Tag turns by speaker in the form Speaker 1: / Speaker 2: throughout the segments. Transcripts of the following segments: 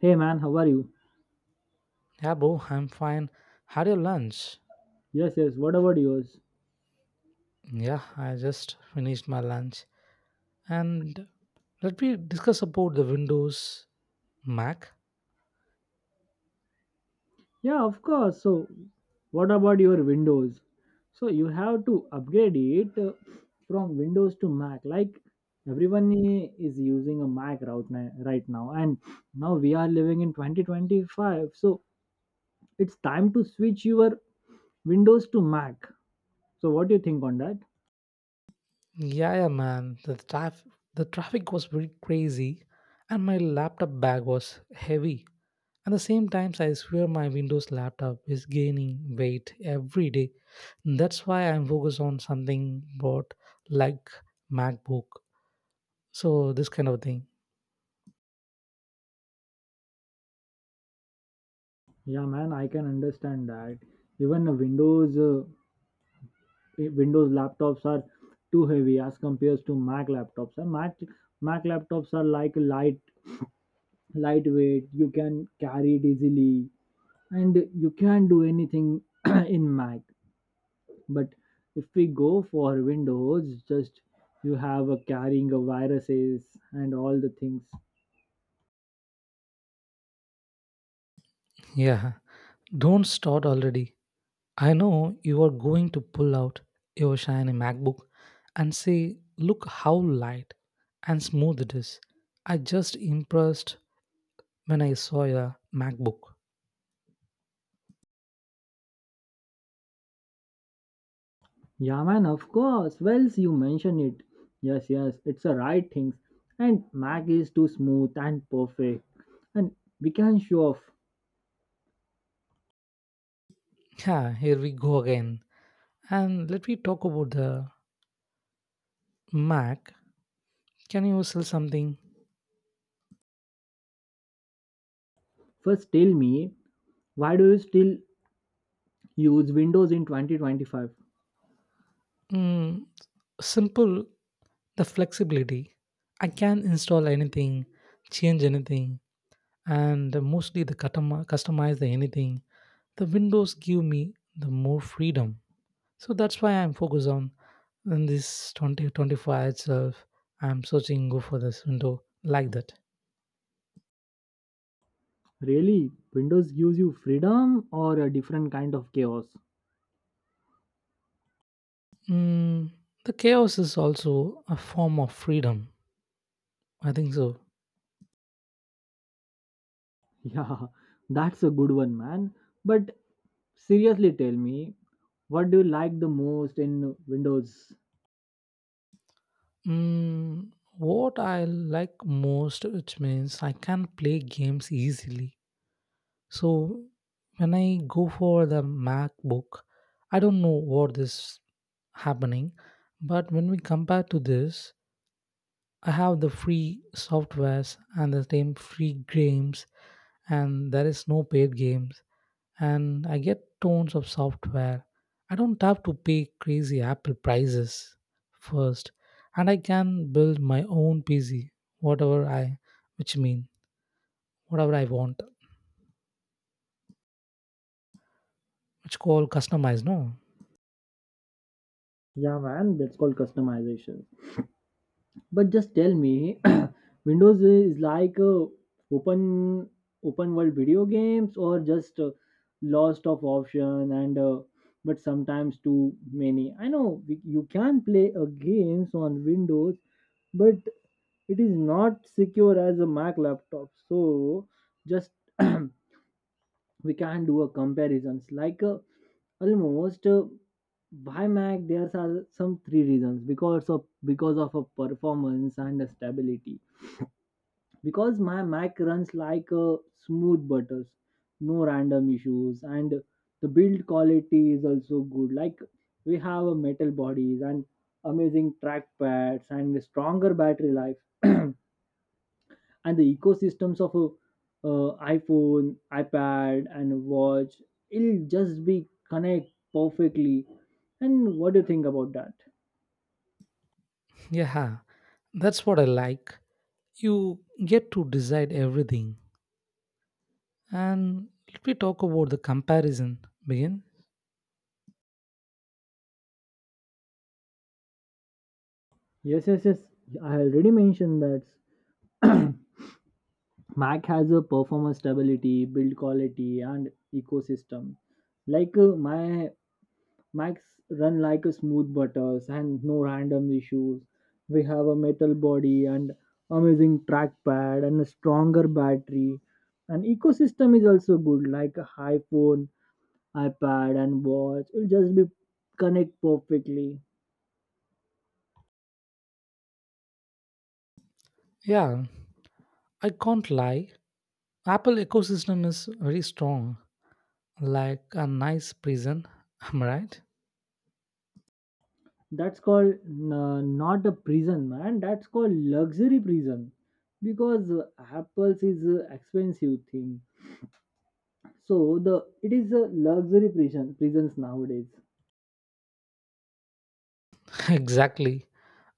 Speaker 1: Hey man, how are you?
Speaker 2: Yeah, boo, I'm fine. Had your lunch?
Speaker 1: Yes, yes, what about yours?
Speaker 2: Yeah, I just finished my lunch. And let me discuss about the Windows Mac.
Speaker 1: Yeah, of course. So, what about your Windows? So, you have to upgrade it from Windows to Mac. Like, everyone is using a Mac right now, and now we are living in 2025. So, it's time to switch your Windows to Mac. So, what do you think on that?
Speaker 2: Yeah, yeah, man. The traffic was very crazy, and my laptop bag was heavy. At the same times, I swear my Windows laptop is gaining weight every day. That's why I'm focused on something about like MacBook. So this kind of thing.
Speaker 1: Yeah, man, I can understand that. Even a Windows Windows laptops are too heavy as compared to Mac laptops. And Mac laptops are like lightweight. You can carry it easily, and you can do anything in Mac. But if we go for Windows, just you have a carrying of viruses and all the things.
Speaker 2: Yeah, don't start already. I know you are going to pull out your shiny MacBook and say, look how light and smooth it is. I just impressed when I saw your MacBook.
Speaker 1: Yeah, man, of course. Well, so you mentioned it. Yes, yes, it's the right things, and Mac is too smooth and perfect. And we can show off.
Speaker 2: Yeah, here we go again. And let me talk about the Mac. Can you sell something?
Speaker 1: First, tell me, why do you still use Windows in 2025?
Speaker 2: Mm, Simple, the flexibility. I can install anything, change anything, and mostly the customize the anything. The windows give me the more freedom, so that's why I'm focused on in this 2025 itself. I'm searching go for this window like that.
Speaker 1: Really? Windows gives you freedom or a different kind of chaos?
Speaker 2: mm, the chaos is also a form of freedom, I think so.
Speaker 1: Yeah, that's a good one, man. But seriously, tell me, what do you like the most in Windows?
Speaker 2: mm, what I like most, which means I can play games easily. So when I go for the MacBook, I don't know what is happening, but when we compare to this, I have the free softwares and the same free games, and there is no paid games, and I get tons of software. I don't have to pay crazy Apple prices first, and I can build my own PC, whatever I, which mean whatever I want, which called customize, no.
Speaker 1: Yeah, man, that's called customization. But just tell me, Windows is like open open world video games or just lost of option and but sometimes too many. I know you can play games on Windows, but it is not secure as a Mac laptop. So just we can do a comparisons like Almost why Mac? There are some three reasons because of a performance and a stability. Because my Mac runs like a smooth butters, no random issues, and the build quality is also good. Like we have a metal bodies and amazing track pads and a stronger battery life. And the ecosystems of a iPhone, iPad, and watch, it'll just be connect perfectly. And what do you think about that?
Speaker 2: Yeah, that's what I like. You get to decide everything. And let me talk about the comparison. Begin.
Speaker 1: Yes, yes, yes. I already mentioned that Mac has a performance stability, build quality, and ecosystem. Like my Max run like a smooth butters and no random issues. We have a metal body and amazing trackpad and a stronger battery. And ecosystem is also good, like a iPhone, iPad, and watch. It'll just be connect perfectly.
Speaker 2: Yeah, I can't lie. Apple ecosystem is very strong, like a nice prison. Am I right?
Speaker 1: That's called not a prison, man. That's called luxury prison, because Apple's is a expensive thing. So the it is a luxury prisons nowadays.
Speaker 2: Exactly.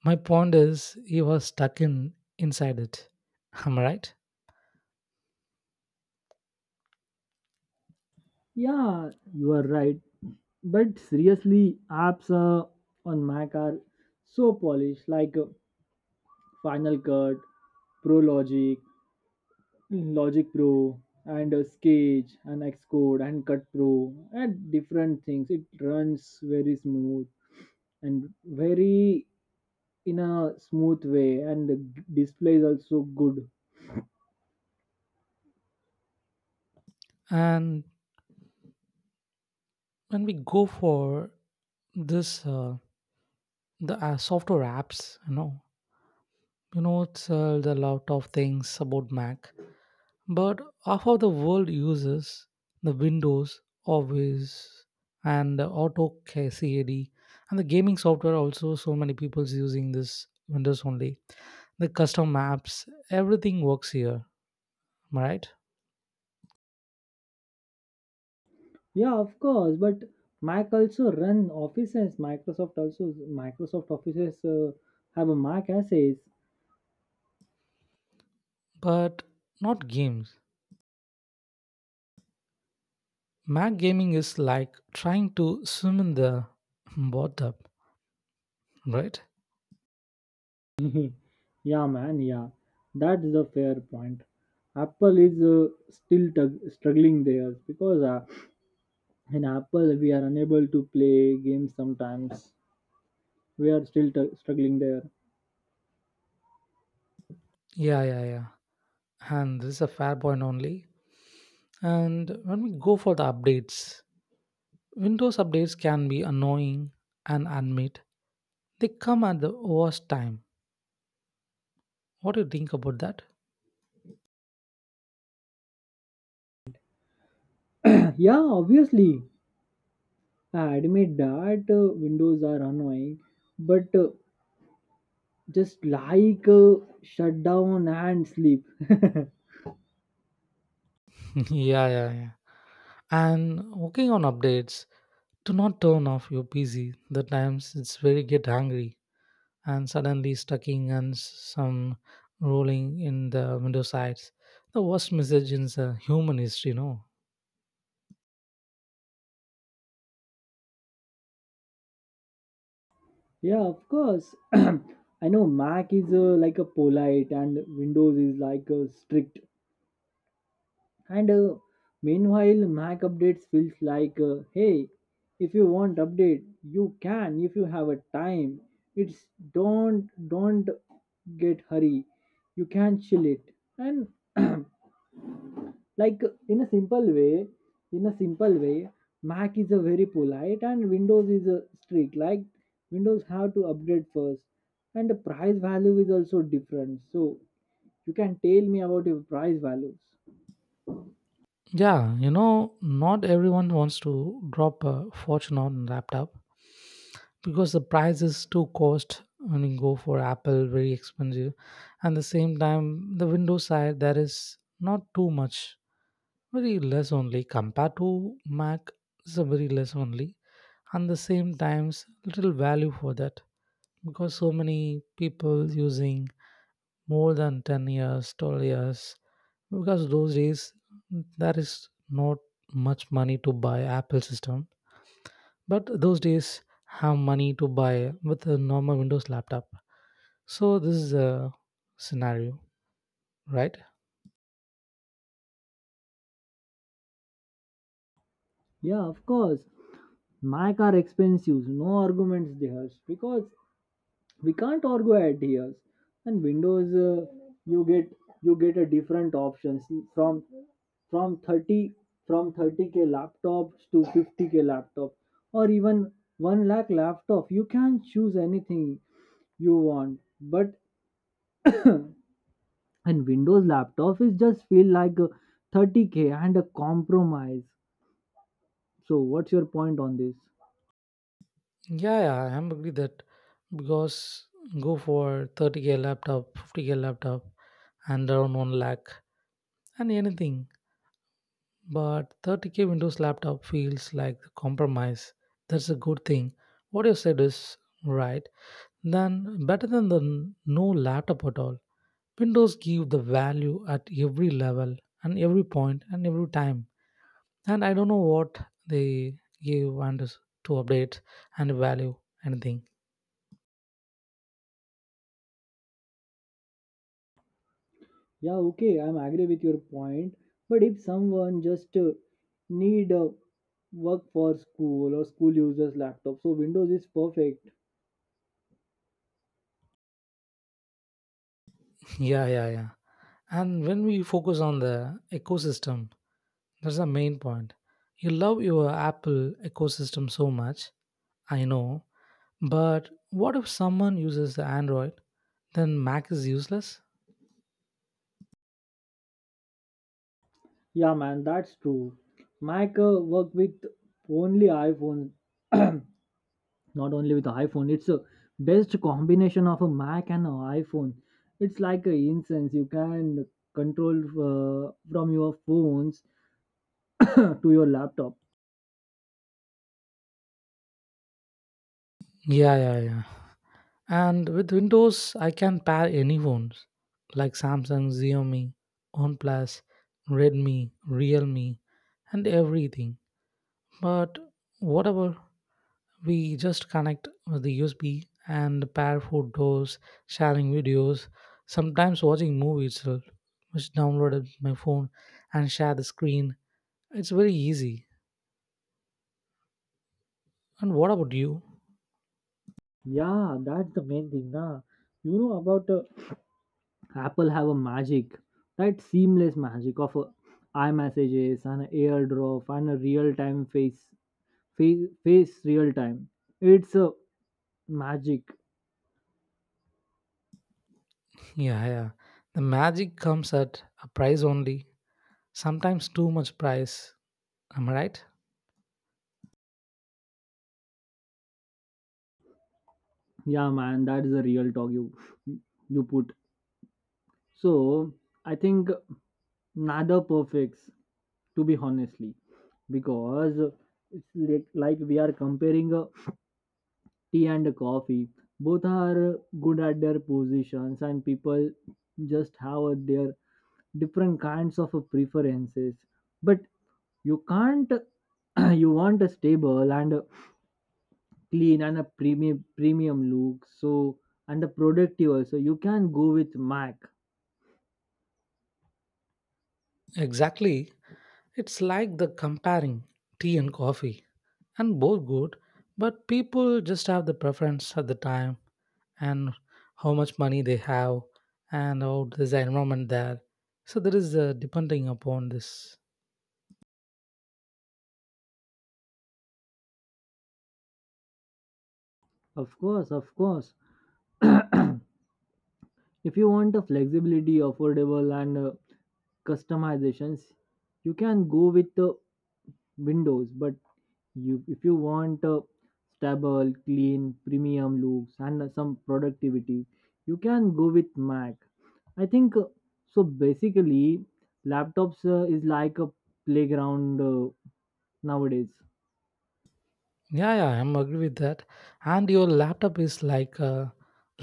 Speaker 2: My point is, he was stuck in inside it. Am I right?
Speaker 1: Yeah, you are right. But seriously, apps on Mac are so polished, like Final Cut, Pro Logic, Logic Pro, and Sketch, and Xcode, and Cut Pro, and different things. It runs very smooth and very in a smooth way, and the display is also good.
Speaker 2: And when we go for this, the software apps, it's there are a lot of things about Mac. But half of the world uses the Windows, Office, and AutoCAD, and the gaming software. Also, so many people's using this Windows only. The custom maps, everything works here, am I right?
Speaker 1: Yeah, of course. But Mac also run offices. Microsoft offices have a Mac assays.
Speaker 2: But not games. Mac gaming is like trying to swim in the bathtub, right?
Speaker 1: Yeah, man. Yeah, that's the fair point. Apple is struggling there because in Apple we are unable to play games sometimes. We are still struggling there.
Speaker 2: Yeah, yeah, yeah. And this is a fair point only. And when we go for the updates, Windows updates can be annoying and admit they come at the worst time. What do you think about that?
Speaker 1: Yeah, obviously. I admit that Windows are annoying, but just like shut down and sleep.
Speaker 2: Yeah, yeah, yeah. And working on updates, do not turn off your PC. The times it's very get angry and suddenly stucking some rolling in the window sides. The worst message in the human history, no?
Speaker 1: Yeah, of course. I know Mac is like a polite and Windows is like strict. And Meanwhile, Mac updates feels like, hey, if you want update, you can if you have a time. It's don't get hurry. You can chill it. And like in a simple way in a simple way Mac is a very polite and Windows is a strict. Like Windows have to upgrade first, and the price value is also different. So you can tell me about your price values.
Speaker 2: Yeah, you know, not everyone wants to drop a fortune on laptop because the price is too cost when you go for Apple, very expensive. And the same time, the Windows side, there is not too much, very less only compared to Mac, it's a very less only. And the same times, little value for that because so many people using more than 10 years, 12 years, because those days there is not much money to buy apple system, but those days have money to buy with a normal windows laptop. So this is a scenario, right?
Speaker 1: Yeah, of course. Mac are expensive, no arguments there, because we can't argue ideas. And Windows you get you get a different options from from 30 from 30K laptops to 50K laptop, or even 1 lakh laptop. You can choose anything you want. But and Windows laptop is just feel like a 30K and a compromise. So what's your point on this?
Speaker 2: Yeah, yeah, I am agree that. Because go for 30k laptop, 50k laptop, and around 1 lakh and anything. But 30k windows laptop feels like compromise. That's a good thing. What you said is right. Then better than the no laptop at all. Windows give the value at every level and every point and every time. And I don't know what they give to update and value anything.
Speaker 1: Yeah, okay, I'm agree with your point. But if someone just need work for school or school users laptop, so Windows is perfect.
Speaker 2: Yeah, yeah, yeah. And when we focus on the ecosystem, that's the main point. You love your Apple ecosystem so much, I know, but what if someone uses the Android, then Mac is useless?
Speaker 1: Yeah, man, that's true. Mac work with only iPhone, not only with iPhone. It's a best combination of a Mac and an iPhone. It's like a incense. You can control from your phones to your laptop.
Speaker 2: Yeah, yeah, yeah. And with Windows, I can pair any phones like Samsung, Xiaomi, OnePlus, Redmi, Realme, and everything. But whatever, we just connect with the USB and pair photos, sharing videos, sometimes watching movie itself, which downloaded my phone and share the screen. It's very easy. And what about you?
Speaker 1: Yeah, that's the main thing, na. You know about Apple have a magic, that seamless magic of a iMessages and a AirDrop and a real time face, face real time. It's a magic.
Speaker 2: Yeah, yeah. The magic comes at a price only, sometimes too much price. Am I right?
Speaker 1: Yeah, man, that is a real talk you put. So I think neither perfects to be honestly, because it's like we are comparing a tea and a coffee. Both are good at their positions, and people just have their different kinds of preferences. But you can't you want a stable and a clean and a premium look, so and a productive also, you can go with Mac.
Speaker 2: Exactly. It's like the comparing tea and coffee, and both good, but people just have the preference at the time and how much money they have and how there's the environment there. So there is depending upon this.
Speaker 1: Of course, of course. If you want a flexibility affordable and customizations, you can go with the Windows. But you if you want a stable clean premium looks and some productivity, you can go with Mac. I think so basically laptops is like a playground nowadays.
Speaker 2: Yeah, yeah, I'm agree with that. And your laptop is like a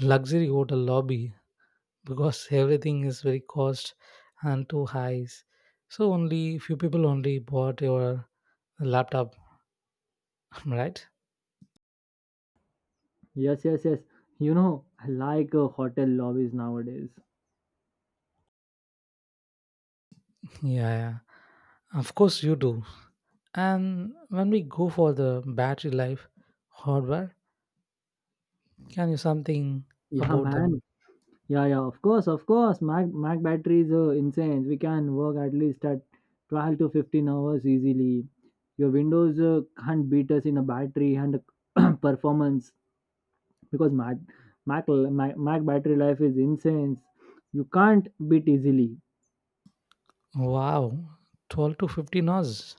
Speaker 2: luxury hotel lobby because everything is very cost and too high. So only few people only bought your laptop, right?
Speaker 1: Yes, yes, yes. You know I like hotel lobbies nowadays.
Speaker 2: Yeah, yeah. Of course you do. And when we go for the battery life hardware, can you something
Speaker 1: Yeah,
Speaker 2: about
Speaker 1: man.
Speaker 2: them?
Speaker 1: Yeah, yeah, of course, of course. Mac batteries are insane. We can work at least at 12 to 15 hours easily. Your Windows can't beat us in a battery and performance, because Mac battery life is insane. You can't beat easily.
Speaker 2: Wow, 12 to 15 hours.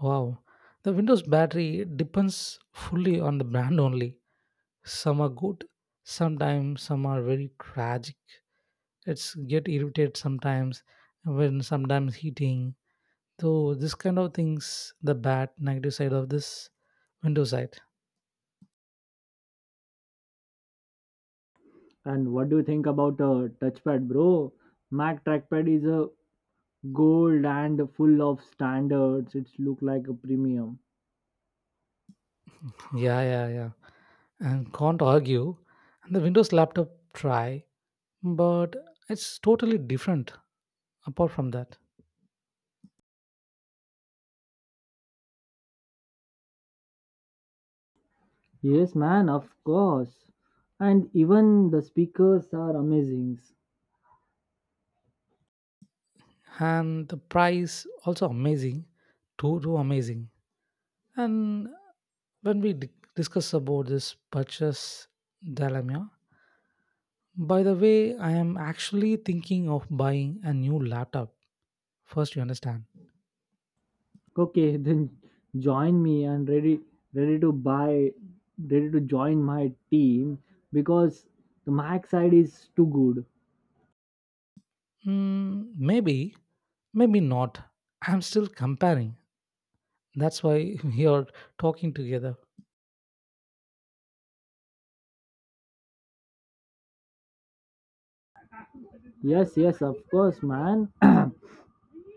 Speaker 2: Wow. The Windows battery depends fully on the brand only. Some are good, sometimes some are very tragic. It's get irritated sometimes when sometimes heating. So this kind of things, the bad negative side of this Windows side.
Speaker 1: And what do you think about a touchpad, bro? Mac trackpad is a gold and full of standards. It's look like a premium.
Speaker 2: Yeah, yeah, yeah. And can't argue. And the Windows laptop try, but it's totally different apart from that.
Speaker 1: Yes, man, of course. And even the speakers are amazing.
Speaker 2: And the price also amazing, too, too amazing. And when we discuss about this purchase dilemma, by the way, I am actually thinking of buying a new laptop. First, you understand.
Speaker 1: Okay, then join me and ready to buy ready to join my team, because the Mac side is too good.
Speaker 2: Maybe, maybe not. I'm still comparing. That's why we are talking together.
Speaker 1: Yes, yes, of course, man.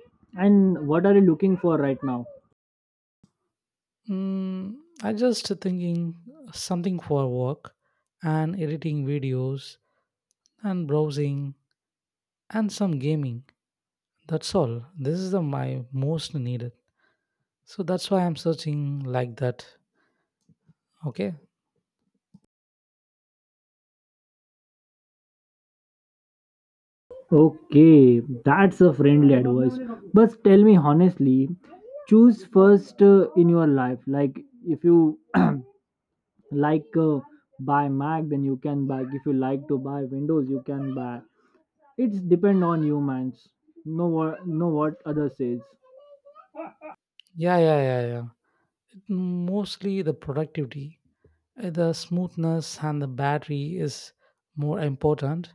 Speaker 1: And what are you looking for right now?
Speaker 2: I just thinking something for work and editing videos and browsing and some gaming. That's all. This is the my most needed. So that's why I'm searching like that. Okay.
Speaker 1: Okay, that's a friendly advice. But tell me honestly, choose first in your life. Like if you like buy Mac, then you can buy. If you like to buy Windows, you can buy. It's depend on you, man, no what other says.
Speaker 2: Yeah, yeah, yeah, yeah. Mostly the productivity, the smoothness, and the battery is more important.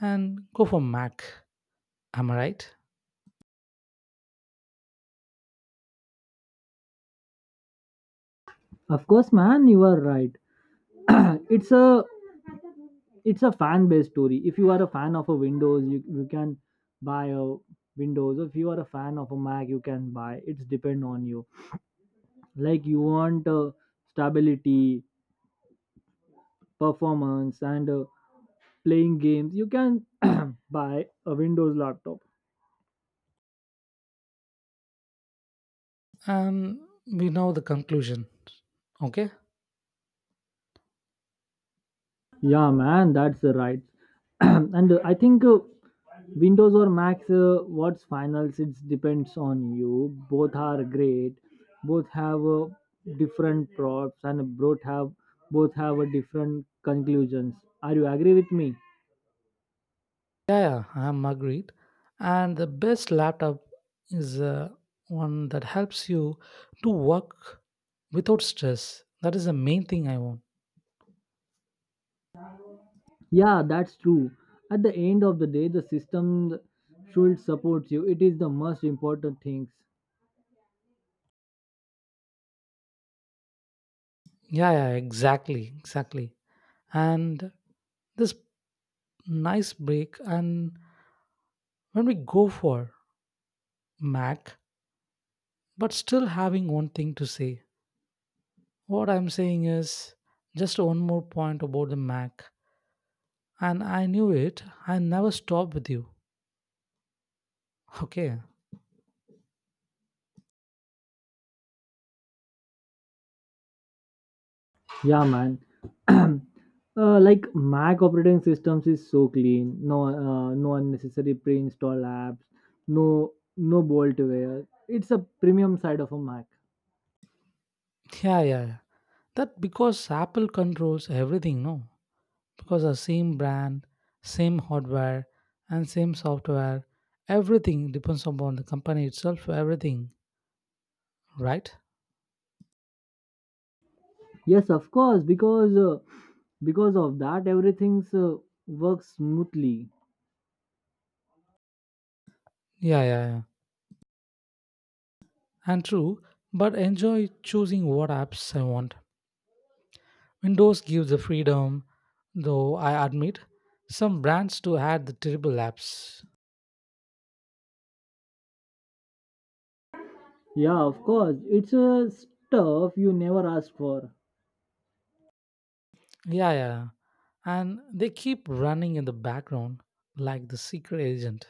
Speaker 2: And go for Mac. Am I right?
Speaker 1: Of course, man, you are right. it's a it's a fan based story. If you are a fan of a Windows, you can buy a Windows. If you are a fan of a Mac, you can buy. It's depend on you. Like you want stability, performance, and playing games, you can buy a Windows laptop.
Speaker 2: And we know the conclusion. Okay.
Speaker 1: Yeah, man, that's right. And I think Windows or Macs, what's finals, it depends on you. Both are great. Both have different props, and both have a different conclusions. Are you agree with me?
Speaker 2: Yeah, yeah, I'm agreed. And the best laptop is one that helps you to work without stress. That is the main thing I want.
Speaker 1: Yeah, that's true. At the end of the day, the system should support you. It is the most important things.
Speaker 2: Yeah, yeah, exactly, exactly. And this nice break, and when we go for Mac, but still having one thing to say. What I'm saying is just one more point about the Mac. And I knew it. I never stop with you. Okay.
Speaker 1: Yeah, man. Like Mac operating systems is so clean. No, no unnecessary pre-install apps. No, no bloatware. It's a premium side of a Mac.
Speaker 2: Yeah, yeah, yeah. That because Apple controls everything, no? Because the same brand, same hardware, and same software, everything depends upon the company itself, everything, right?
Speaker 1: Yes, of course, because of that everything's works smoothly.
Speaker 2: Yeah, yeah, yeah. And true, but enjoy choosing what apps I want. Windows gives the freedom, though I admit some brands to add the terrible apps.
Speaker 1: Yeah, of course, it's a stuff you never asked for.
Speaker 2: Yeah, yeah, yeah. And they keep running in the background like the secret agent,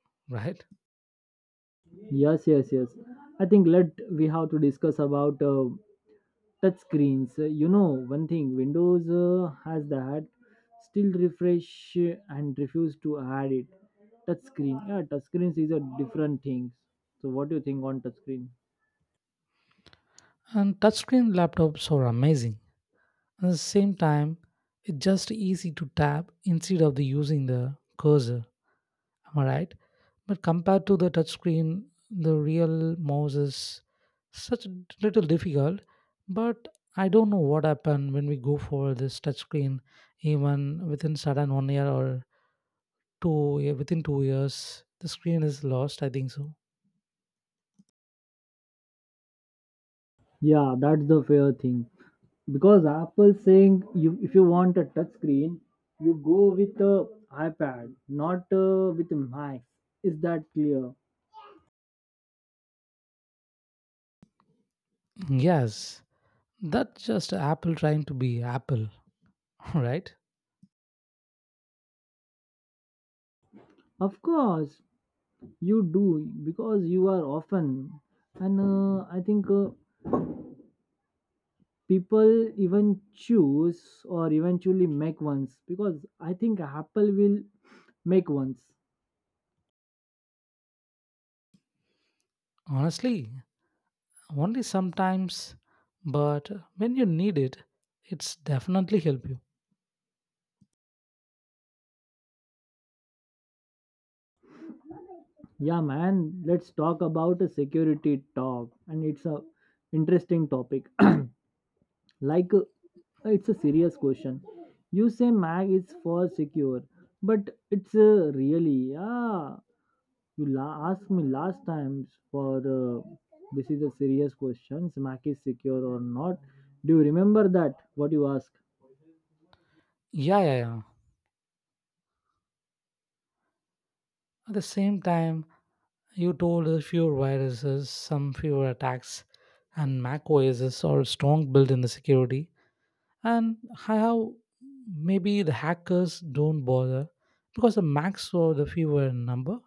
Speaker 2: right?
Speaker 1: Yes, yes, yes. I think let we have to discuss about touch screens. You know, one thing Windows has, that still refresh and refuse to add it touch screen. Yeah, touch screens is a different thing. So what do you think on touch screen?
Speaker 2: And touchscreen laptops are amazing. At the same time, it's just easy to tap instead of the using the cursor. Am I right? But compared to the touchscreen, the real mouse is such little difficult. But I don't know what happened when we go for this touchscreen. Even within sudden 1 year or two, within 2 years, the screen is lost. I think so.
Speaker 1: Yeah, that's the fair thing, because Apple saying you, if you want a touch screen, you go with a iPad, not with a Mac. Is that clear?
Speaker 2: Yes, that's just Apple trying to be Apple, right?
Speaker 1: Of course, you do, because you are often. And I think people even choose or eventually make ones, because I think Apple will make ones.
Speaker 2: Honestly. Only sometimes, but when you need it, it's definitely help you.
Speaker 1: Yeah, man, let's talk about a security talk, and it's a interesting topic. Like it's a serious question. You say Mac is for secure, but it's really. Yeah, you asked me last time for this is a serious question, Mac is secure or not. Do you remember that what you asked?
Speaker 2: Yeah, yeah, yeah. At the same time, you told a few viruses, some fewer attacks, and Mac OSs are strong built in the security, and how maybe the hackers don't bother because the Macs are the fewer in number.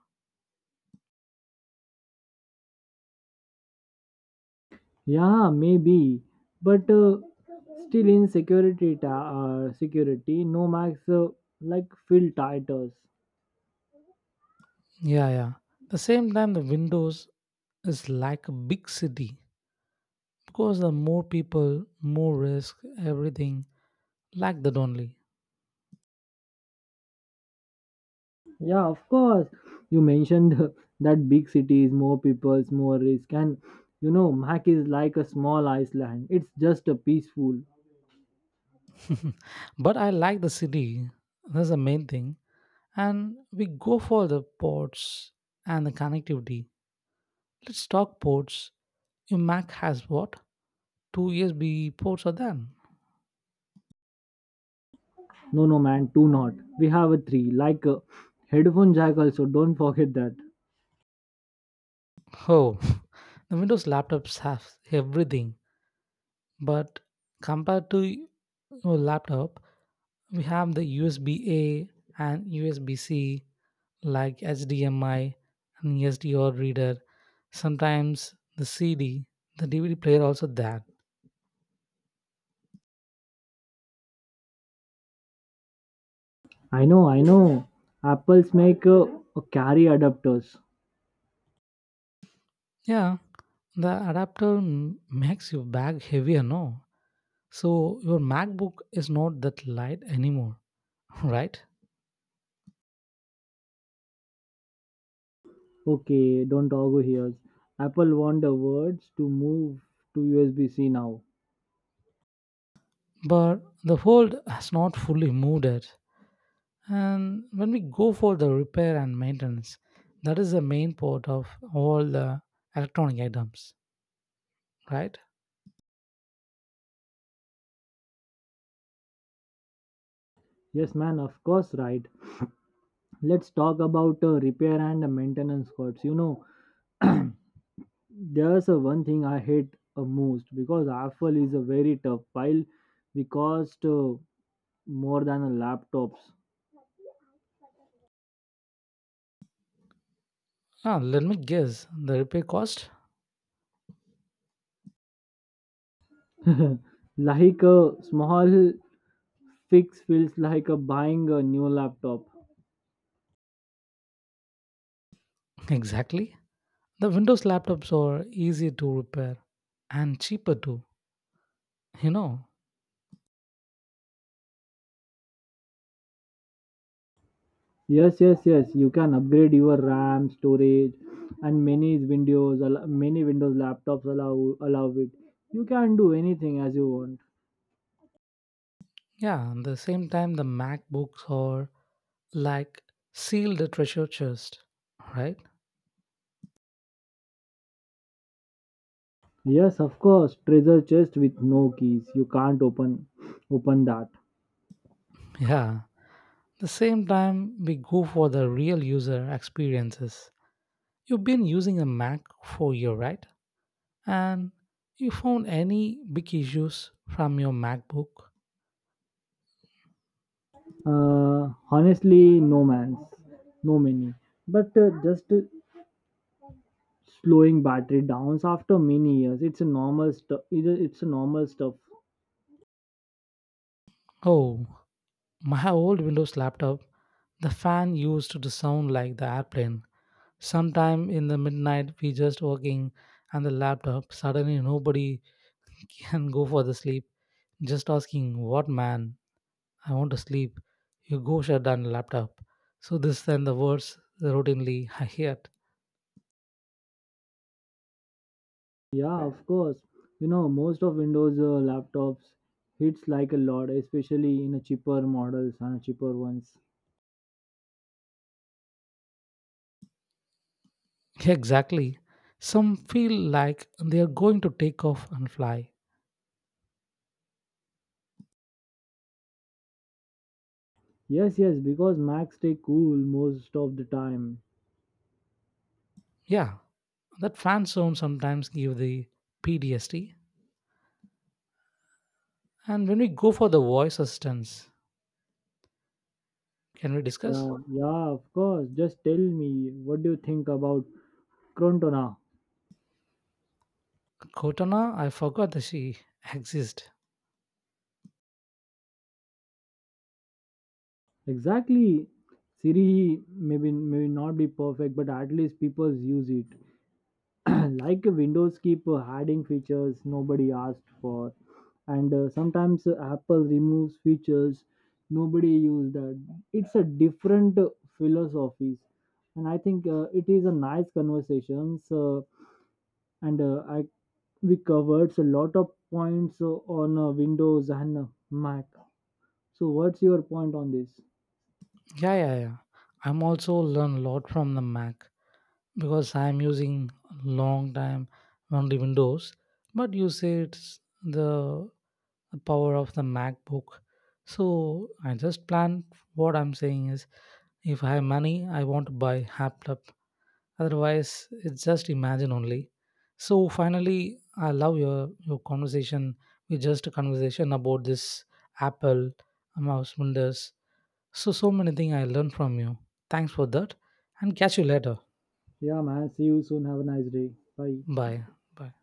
Speaker 1: Yeah, maybe, but still in security, security, no max like field titles.
Speaker 2: Yeah, yeah. The same time, the Windows is like a big city because the more people, more risk, everything like that only.
Speaker 1: Yeah, of course. You mentioned that big cities, more peoples, more risk, and you know, Mac is like a small Iceland. It's just a peaceful.
Speaker 2: But I like the city. That's the main thing. And we go for the ports and the connectivity. Let's talk ports. Your Mac has what? Two USB ports are done.
Speaker 1: No, no, man, two not. We have a three, like a headphone jack. Also, don't forget that.
Speaker 2: Oh, the Windows laptops have everything. But compared to your laptop, we have the USB A and USB C, like HDMI and SDR reader. Sometimes the CD, the DVD player also there.
Speaker 1: I know, I know. Apple's make carry adapters.
Speaker 2: Yeah, the makes your bag heavier, no? So your MacBook is not that light anymore, right?
Speaker 1: Okay, don't argue here. Apple want the words to move to USB C now.
Speaker 2: But the fold has not fully moved it. And when we go for the repair and maintenance, that is the main part of all the electronic items, right?
Speaker 1: Yes, man, of course, right. Let's talk about repair and maintenance costs. You know, there's a one thing I hate most, because Apple is a very tough pile. We cost more than a laptops.
Speaker 2: Now let me guess the repair cost.
Speaker 1: Like a small fix feels like a buying a new laptop.
Speaker 2: Exactly, the windows laptops are easy to repair and cheaper too, you know.
Speaker 1: Yes, yes, yes. You can upgrade your RAM, storage, and many Windows, many Windows laptops allow it. You can do anything as you want.
Speaker 2: Yeah, at the same time, the macbooks are like seal the treasure chest, right?
Speaker 1: Yes, of course. Treasure chest with no keys. You can't open that.
Speaker 2: Yeah. The same time, we go for the real user experiences. You've been using a Mac for a year, right? And you found any big issues from your MacBook?
Speaker 1: Honestly, no man's, no many. But just slowing battery downs after many years. It's a normal stuff.
Speaker 2: Oh, my old Windows laptop, the fan used to sound like the airplane. Sometime in the midnight, we just working and the laptop. Suddenly, nobody can go for the sleep. Just asking, what man? I want to sleep. You go shut down the laptop. So this and the words routinely I hear.
Speaker 1: Yeah, of course. You know, most of Windows laptops hits like a lot, especially in a cheaper models and cheaper ones.
Speaker 2: Exactly. Some feel like they are going to take off and fly.
Speaker 1: Yes, yes, because Macs stay cool most of the time.
Speaker 2: Yeah, that fan zone sometimes give the PTSD. And when we go for the voice assistants, can we discuss?
Speaker 1: Yeah, yeah, of course. Just tell me, what do you think about Crontona?
Speaker 2: Cortana, I forgot that she exists.
Speaker 1: Exactly. Siri maybe not be perfect, but at least people use it. Like Windows keep adding features nobody asked for, and sometimes Apple removes features nobody used that. It's a different philosophies. And I think it is a nice conversations, and I we covered a lot of points on Windows and Mac. So what's your point on this?
Speaker 2: Yeah, yeah, yeah. I'm also learn a lot from the Mac. Because I'm using long time only Windows. But you say it's the power of the MacBook. So I just plan what I'm saying is if I have money, I want to buy laptop. Otherwise, it's just imagine only. So finally, I love your conversation. We just a conversation about this Apple, mouse, Windows. So so many things I learned from you. Thanks for that, and catch you later.
Speaker 1: Yeah, man, see you soon. Have a nice day. Bye.
Speaker 2: Bye. Bye.